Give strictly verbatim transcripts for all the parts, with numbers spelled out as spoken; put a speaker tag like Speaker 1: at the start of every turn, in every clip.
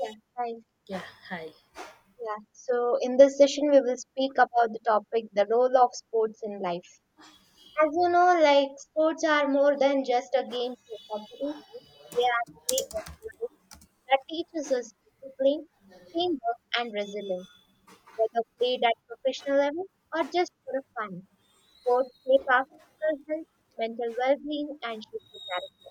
Speaker 1: Yeah, right.
Speaker 2: Yeah, hi.
Speaker 1: Yeah. So in this session, we will speak about the topic, the role of sports in life. As you know, like sports are more than just a game or competition. They are a way of life that teaches us discipline, teamwork, and resilience, whether played at professional level or just for fun. Sports shape our physical health, mental well-being, and social character.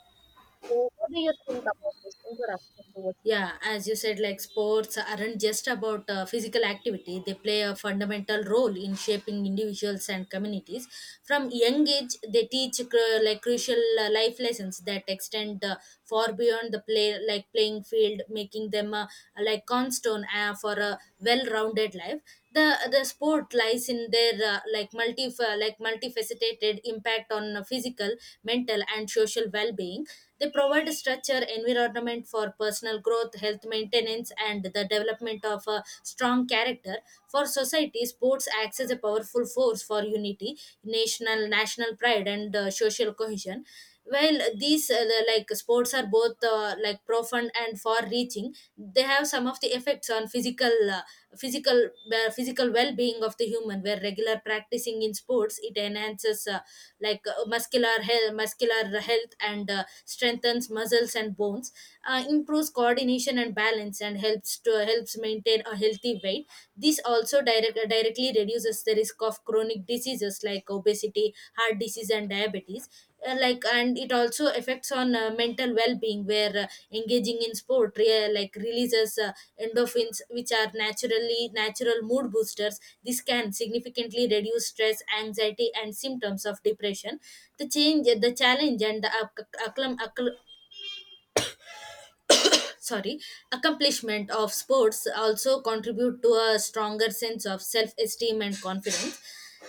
Speaker 1: So, what do you think about this introduction towards?
Speaker 2: Yeah, as you said, like sports aren't just about uh, physical activity. They play a fundamental role in shaping individuals and communities. From young age, they teach cru- like crucial uh, life lessons that extend uh, far beyond the play, like playing field, making them uh, like cornerstone uh, for a well-rounded life. The the sport lies in their uh, like multi like multifaceted impact on uh, physical, mental, and social well-being. They provide structure, environment for personal growth, health maintenance, and the development of a strong character. For society, sports acts as a powerful force for unity, national national pride, and uh, social cohesion while these uh, the, like sports are both uh, like profound and far reaching, they have some of the effects on physical uh, physical uh, physical well-being of the human, where regular practicing in sports it enhances uh, like uh, muscular health muscular health and uh, strengthens muscles and bones, uh, improves coordination and balance, and helps to helps maintain a healthy weight. This also direct, uh, directly reduces the risk of chronic diseases like obesity, heart disease, and diabetes. Uh, like and it also affects on uh, mental well-being, where uh, engaging in sport re- uh, like releases uh, endorphins, which are naturally natural mood boosters. This can significantly reduce stress, anxiety, and symptoms of depression. The change the challenge and the acc- acclam- acc- sorry accomplishment of sports also contribute to a stronger sense of self-esteem and confidence.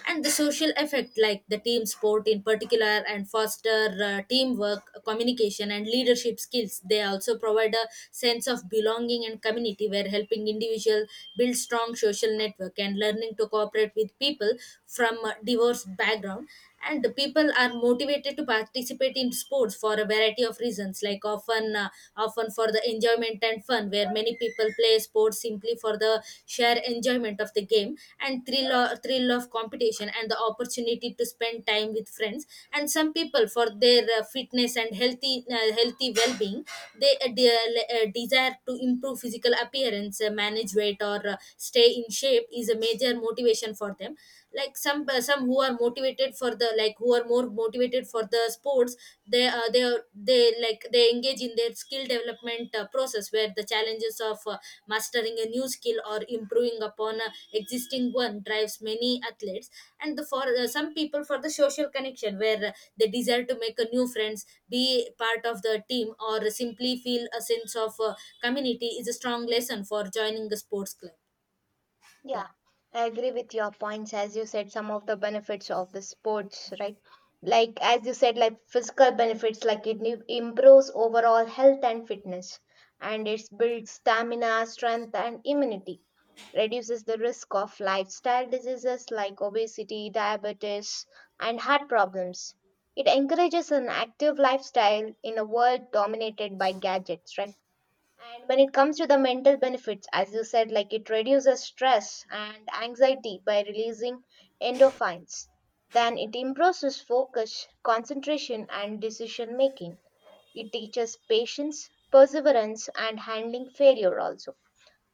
Speaker 2: And the social effect, like the team sport in particular, and foster uh, teamwork, communication, and leadership skills. They also provide a sense of belonging and community, where helping individual build strong social network and learning to cooperate with people from a diverse background. And the people are motivated to participate in sports for a variety of reasons, like often uh, often for the enjoyment and fun, where many people play sports simply for the sheer enjoyment of the game and thrill or thrill of competition and the opportunity to spend time with friends. And some people for their uh, fitness and healthy uh, healthy well-being. they uh, de- uh, Desire to improve physical appearance, uh, manage weight, or uh, stay in shape is a major motivation for them. Like some uh, some who are motivated for the like who are more motivated for the sports, they uh, they are- they like they engage in their skill development uh, process, where the challenges of uh, mastering a new skill or improving upon a existing one drives many athletes. And the for uh, some people for the social connection, where uh, they desire to make a new friends, be part of the team, or simply feel a sense of uh, community is a strong lesson for joining the sports club. yeah
Speaker 1: Yeah, I agree with your points. As you said, some of the benefits of the sports, right? Like, as you said, like physical benefits, like it im- improves overall health and fitness, and it builds stamina, strength, and immunity, reduces the risk of lifestyle diseases like obesity, diabetes, and heart problems. It encourages an active lifestyle in a world dominated by gadgets, right? And when it comes to the mental benefits, as you said, like it reduces stress and anxiety by releasing endorphins. Then it improves focus, concentration, and decision making. It teaches patience, perseverance, and handling failure also.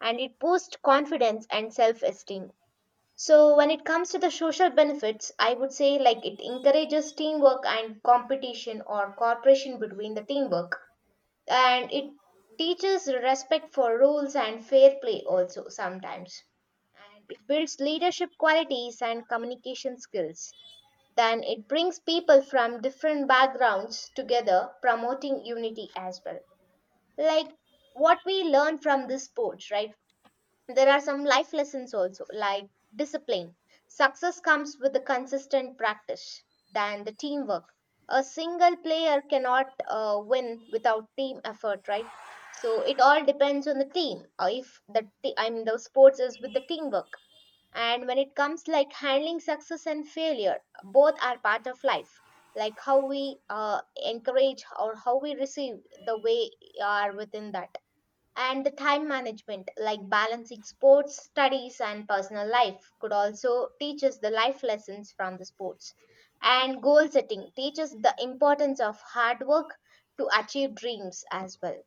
Speaker 1: And it boosts confidence and self esteem. So, when it comes to the social benefits, I would say like it encourages teamwork and competition or cooperation between the teamwork, and it teaches respect for rules and fair play also sometimes, and it builds leadership qualities and communication skills. Then it brings people from different backgrounds together, promoting unity as well. Like what we learn from this sports, right? There are some life lessons also, like discipline. Success comes with the consistent practice, than the teamwork. A single player cannot uh, win without team effort, right? So it all depends on the team. Uh, If the t- I mean the sports is with the teamwork, and when it comes like handling success and failure, both are part of life. Like how we uh, encourage or how we receive the way are within that, and the time management, like balancing sports, studies, and personal life, could also teach us the life lessons from the sports. And goal setting teaches the importance of hard work to achieve dreams as well.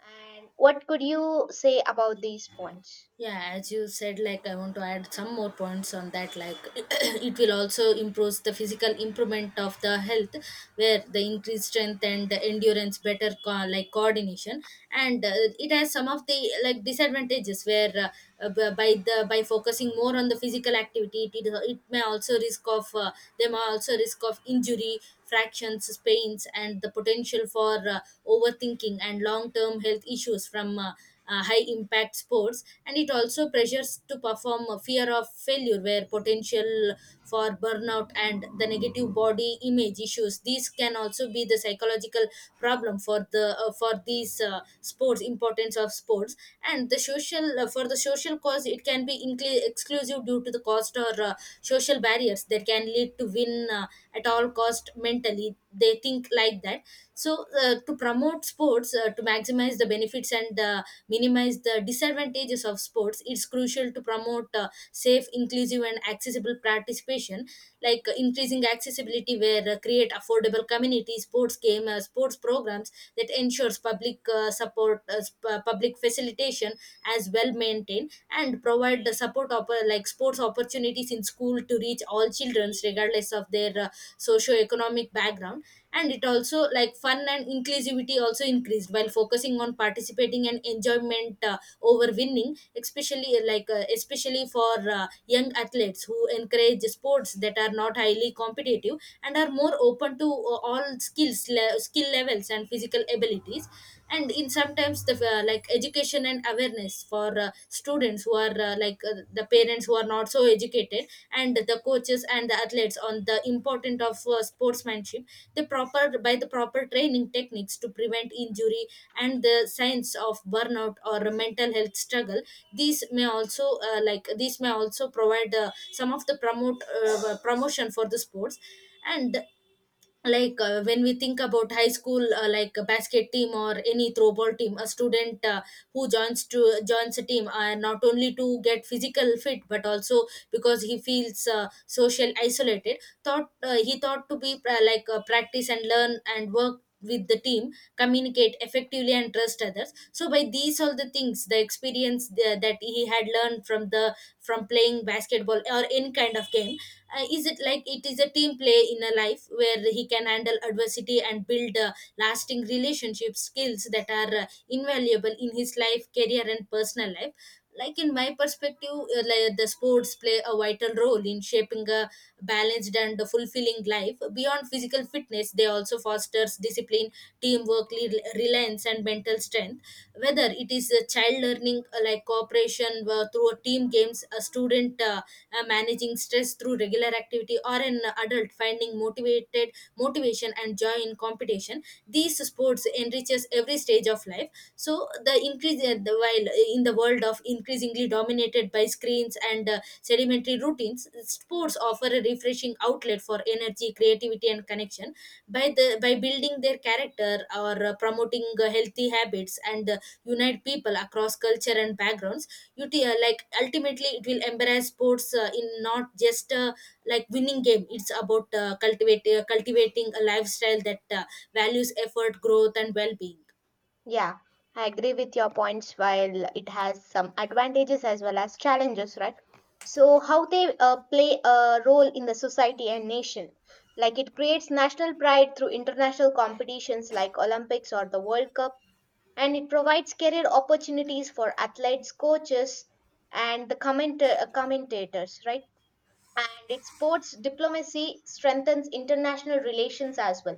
Speaker 1: And what could you say about these points?
Speaker 2: yeah as you said, like I want to add some more points on that, like it will also improve the physical improvement of the health, where the increased strength and the endurance, better co- like coordination, and uh, it has some of the like disadvantages, where uh, uh, b- by the by focusing more on the physical activity, it, it may also risk of uh, them also risk of injury, fractions, pains, and the potential for uh, overthinking and long term health issues from uh, uh, high impact sports. And it also pressures to perform a fear of failure, where potential for burnout and the negative body image issues. These can also be the psychological problem for the uh, for these uh, sports, importance of sports. And the social, uh, for the social cause, it can be incl- exclusive due to the cost or uh, social barriers that can lead to win uh, at all cost mentally they think like that. So uh, to promote sports, uh, to maximize the benefits and uh, minimize the disadvantages of sports, it's crucial to promote uh, safe, inclusive, and accessible participation, like uh, increasing accessibility, where uh, create affordable community sports game uh, sports programs that ensures public uh, support uh, sp- uh, public facilitation as well maintained, and provide the support of like sports opportunities in school to reach all children regardless of their uh, socio-economic background. And it also like fun and inclusivity also increased while focusing on participating and enjoyment uh, over winning, especially uh, like uh, especially for uh, young athletes, who encourage sports that are not highly competitive and are more open to uh, all skills le- skill levels and physical abilities. And in sometimes the uh, like education and awareness for uh, students who are uh, like uh, the parents who are not so educated, and the coaches and the athletes, on the importance of uh, sportsmanship, the proper by the proper training techniques to prevent injury, and the signs of burnout or mental health struggle. These may also uh, like these may also provide uh, some of the promote uh, promotion for the sports. And like uh, when we think about high school uh, like a basket team or any throwball team, a student uh, who joins to joins a team uh, not only to get physical fit, but also because he feels uh, social isolated, thought uh, he thought to be uh, like uh, practice and learn and work with the team, communicate effectively, and trust others. So by these all the things, the experience uh, that he had learned from the from playing basketball or any kind of game, uh, is it like it is a team play in a life, where he can handle adversity and build uh, lasting relationship skills that are uh, invaluable in his life, career, and personal life. Like in my perspective, uh, like the sports play a vital role in shaping a balanced and fulfilling life. Beyond physical fitness, they also fosters discipline, teamwork, le- reliance, and mental strength, whether it is a child learning uh, like cooperation uh, through a team games, a student uh, uh, managing stress through regular activity, or an adult finding motivated motivation and joy in competition. These sports enriches every stage of life. So the increase uh, the while uh, in the world of increasingly dominated by screens and uh, sedimentary routines, sports offer a refreshing outlet for energy, creativity, and connection. By the by building their character or uh, promoting uh, healthy habits, and uh, unite people across culture and backgrounds. You t- uh, like Ultimately, it will embrace sports uh, in not just uh, like winning game, it's about uh, cultivate, uh, cultivating a lifestyle that uh, values effort, growth, and well-being.
Speaker 1: Yeah, I agree with your points while it has some advantages as well as challenges, right? So, how they uh, play a role in the society and nation. Like it creates national pride through international competitions like Olympics or the World Cup, and it provides career opportunities for athletes, coaches, and the commenta- uh, commentators, right? And it supports diplomacy, strengthens international relations as well,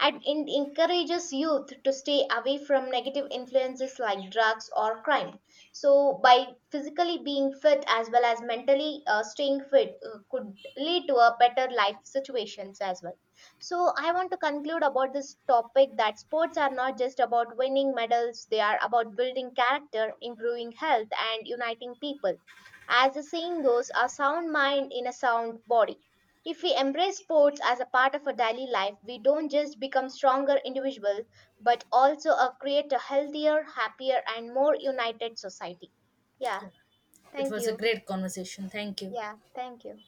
Speaker 1: and it encourages youth to stay away from negative influences like drugs or crime. So, by physically being fit as well as mentally uh, staying fit, uh, could lead to a better life situations as well. So, I want to conclude about this topic that sports are not just about winning medals, they are about building character, improving health, and uniting people. As the saying goes, a sound mind in a sound body. If we embrace sports as a part of our daily life, we don't just become stronger individuals, but also uh, create a healthier, happier, and more united society. Yeah,
Speaker 2: It
Speaker 1: thank
Speaker 2: was a
Speaker 1: you.
Speaker 2: great conversation. Thank you.
Speaker 1: Yeah, thank you.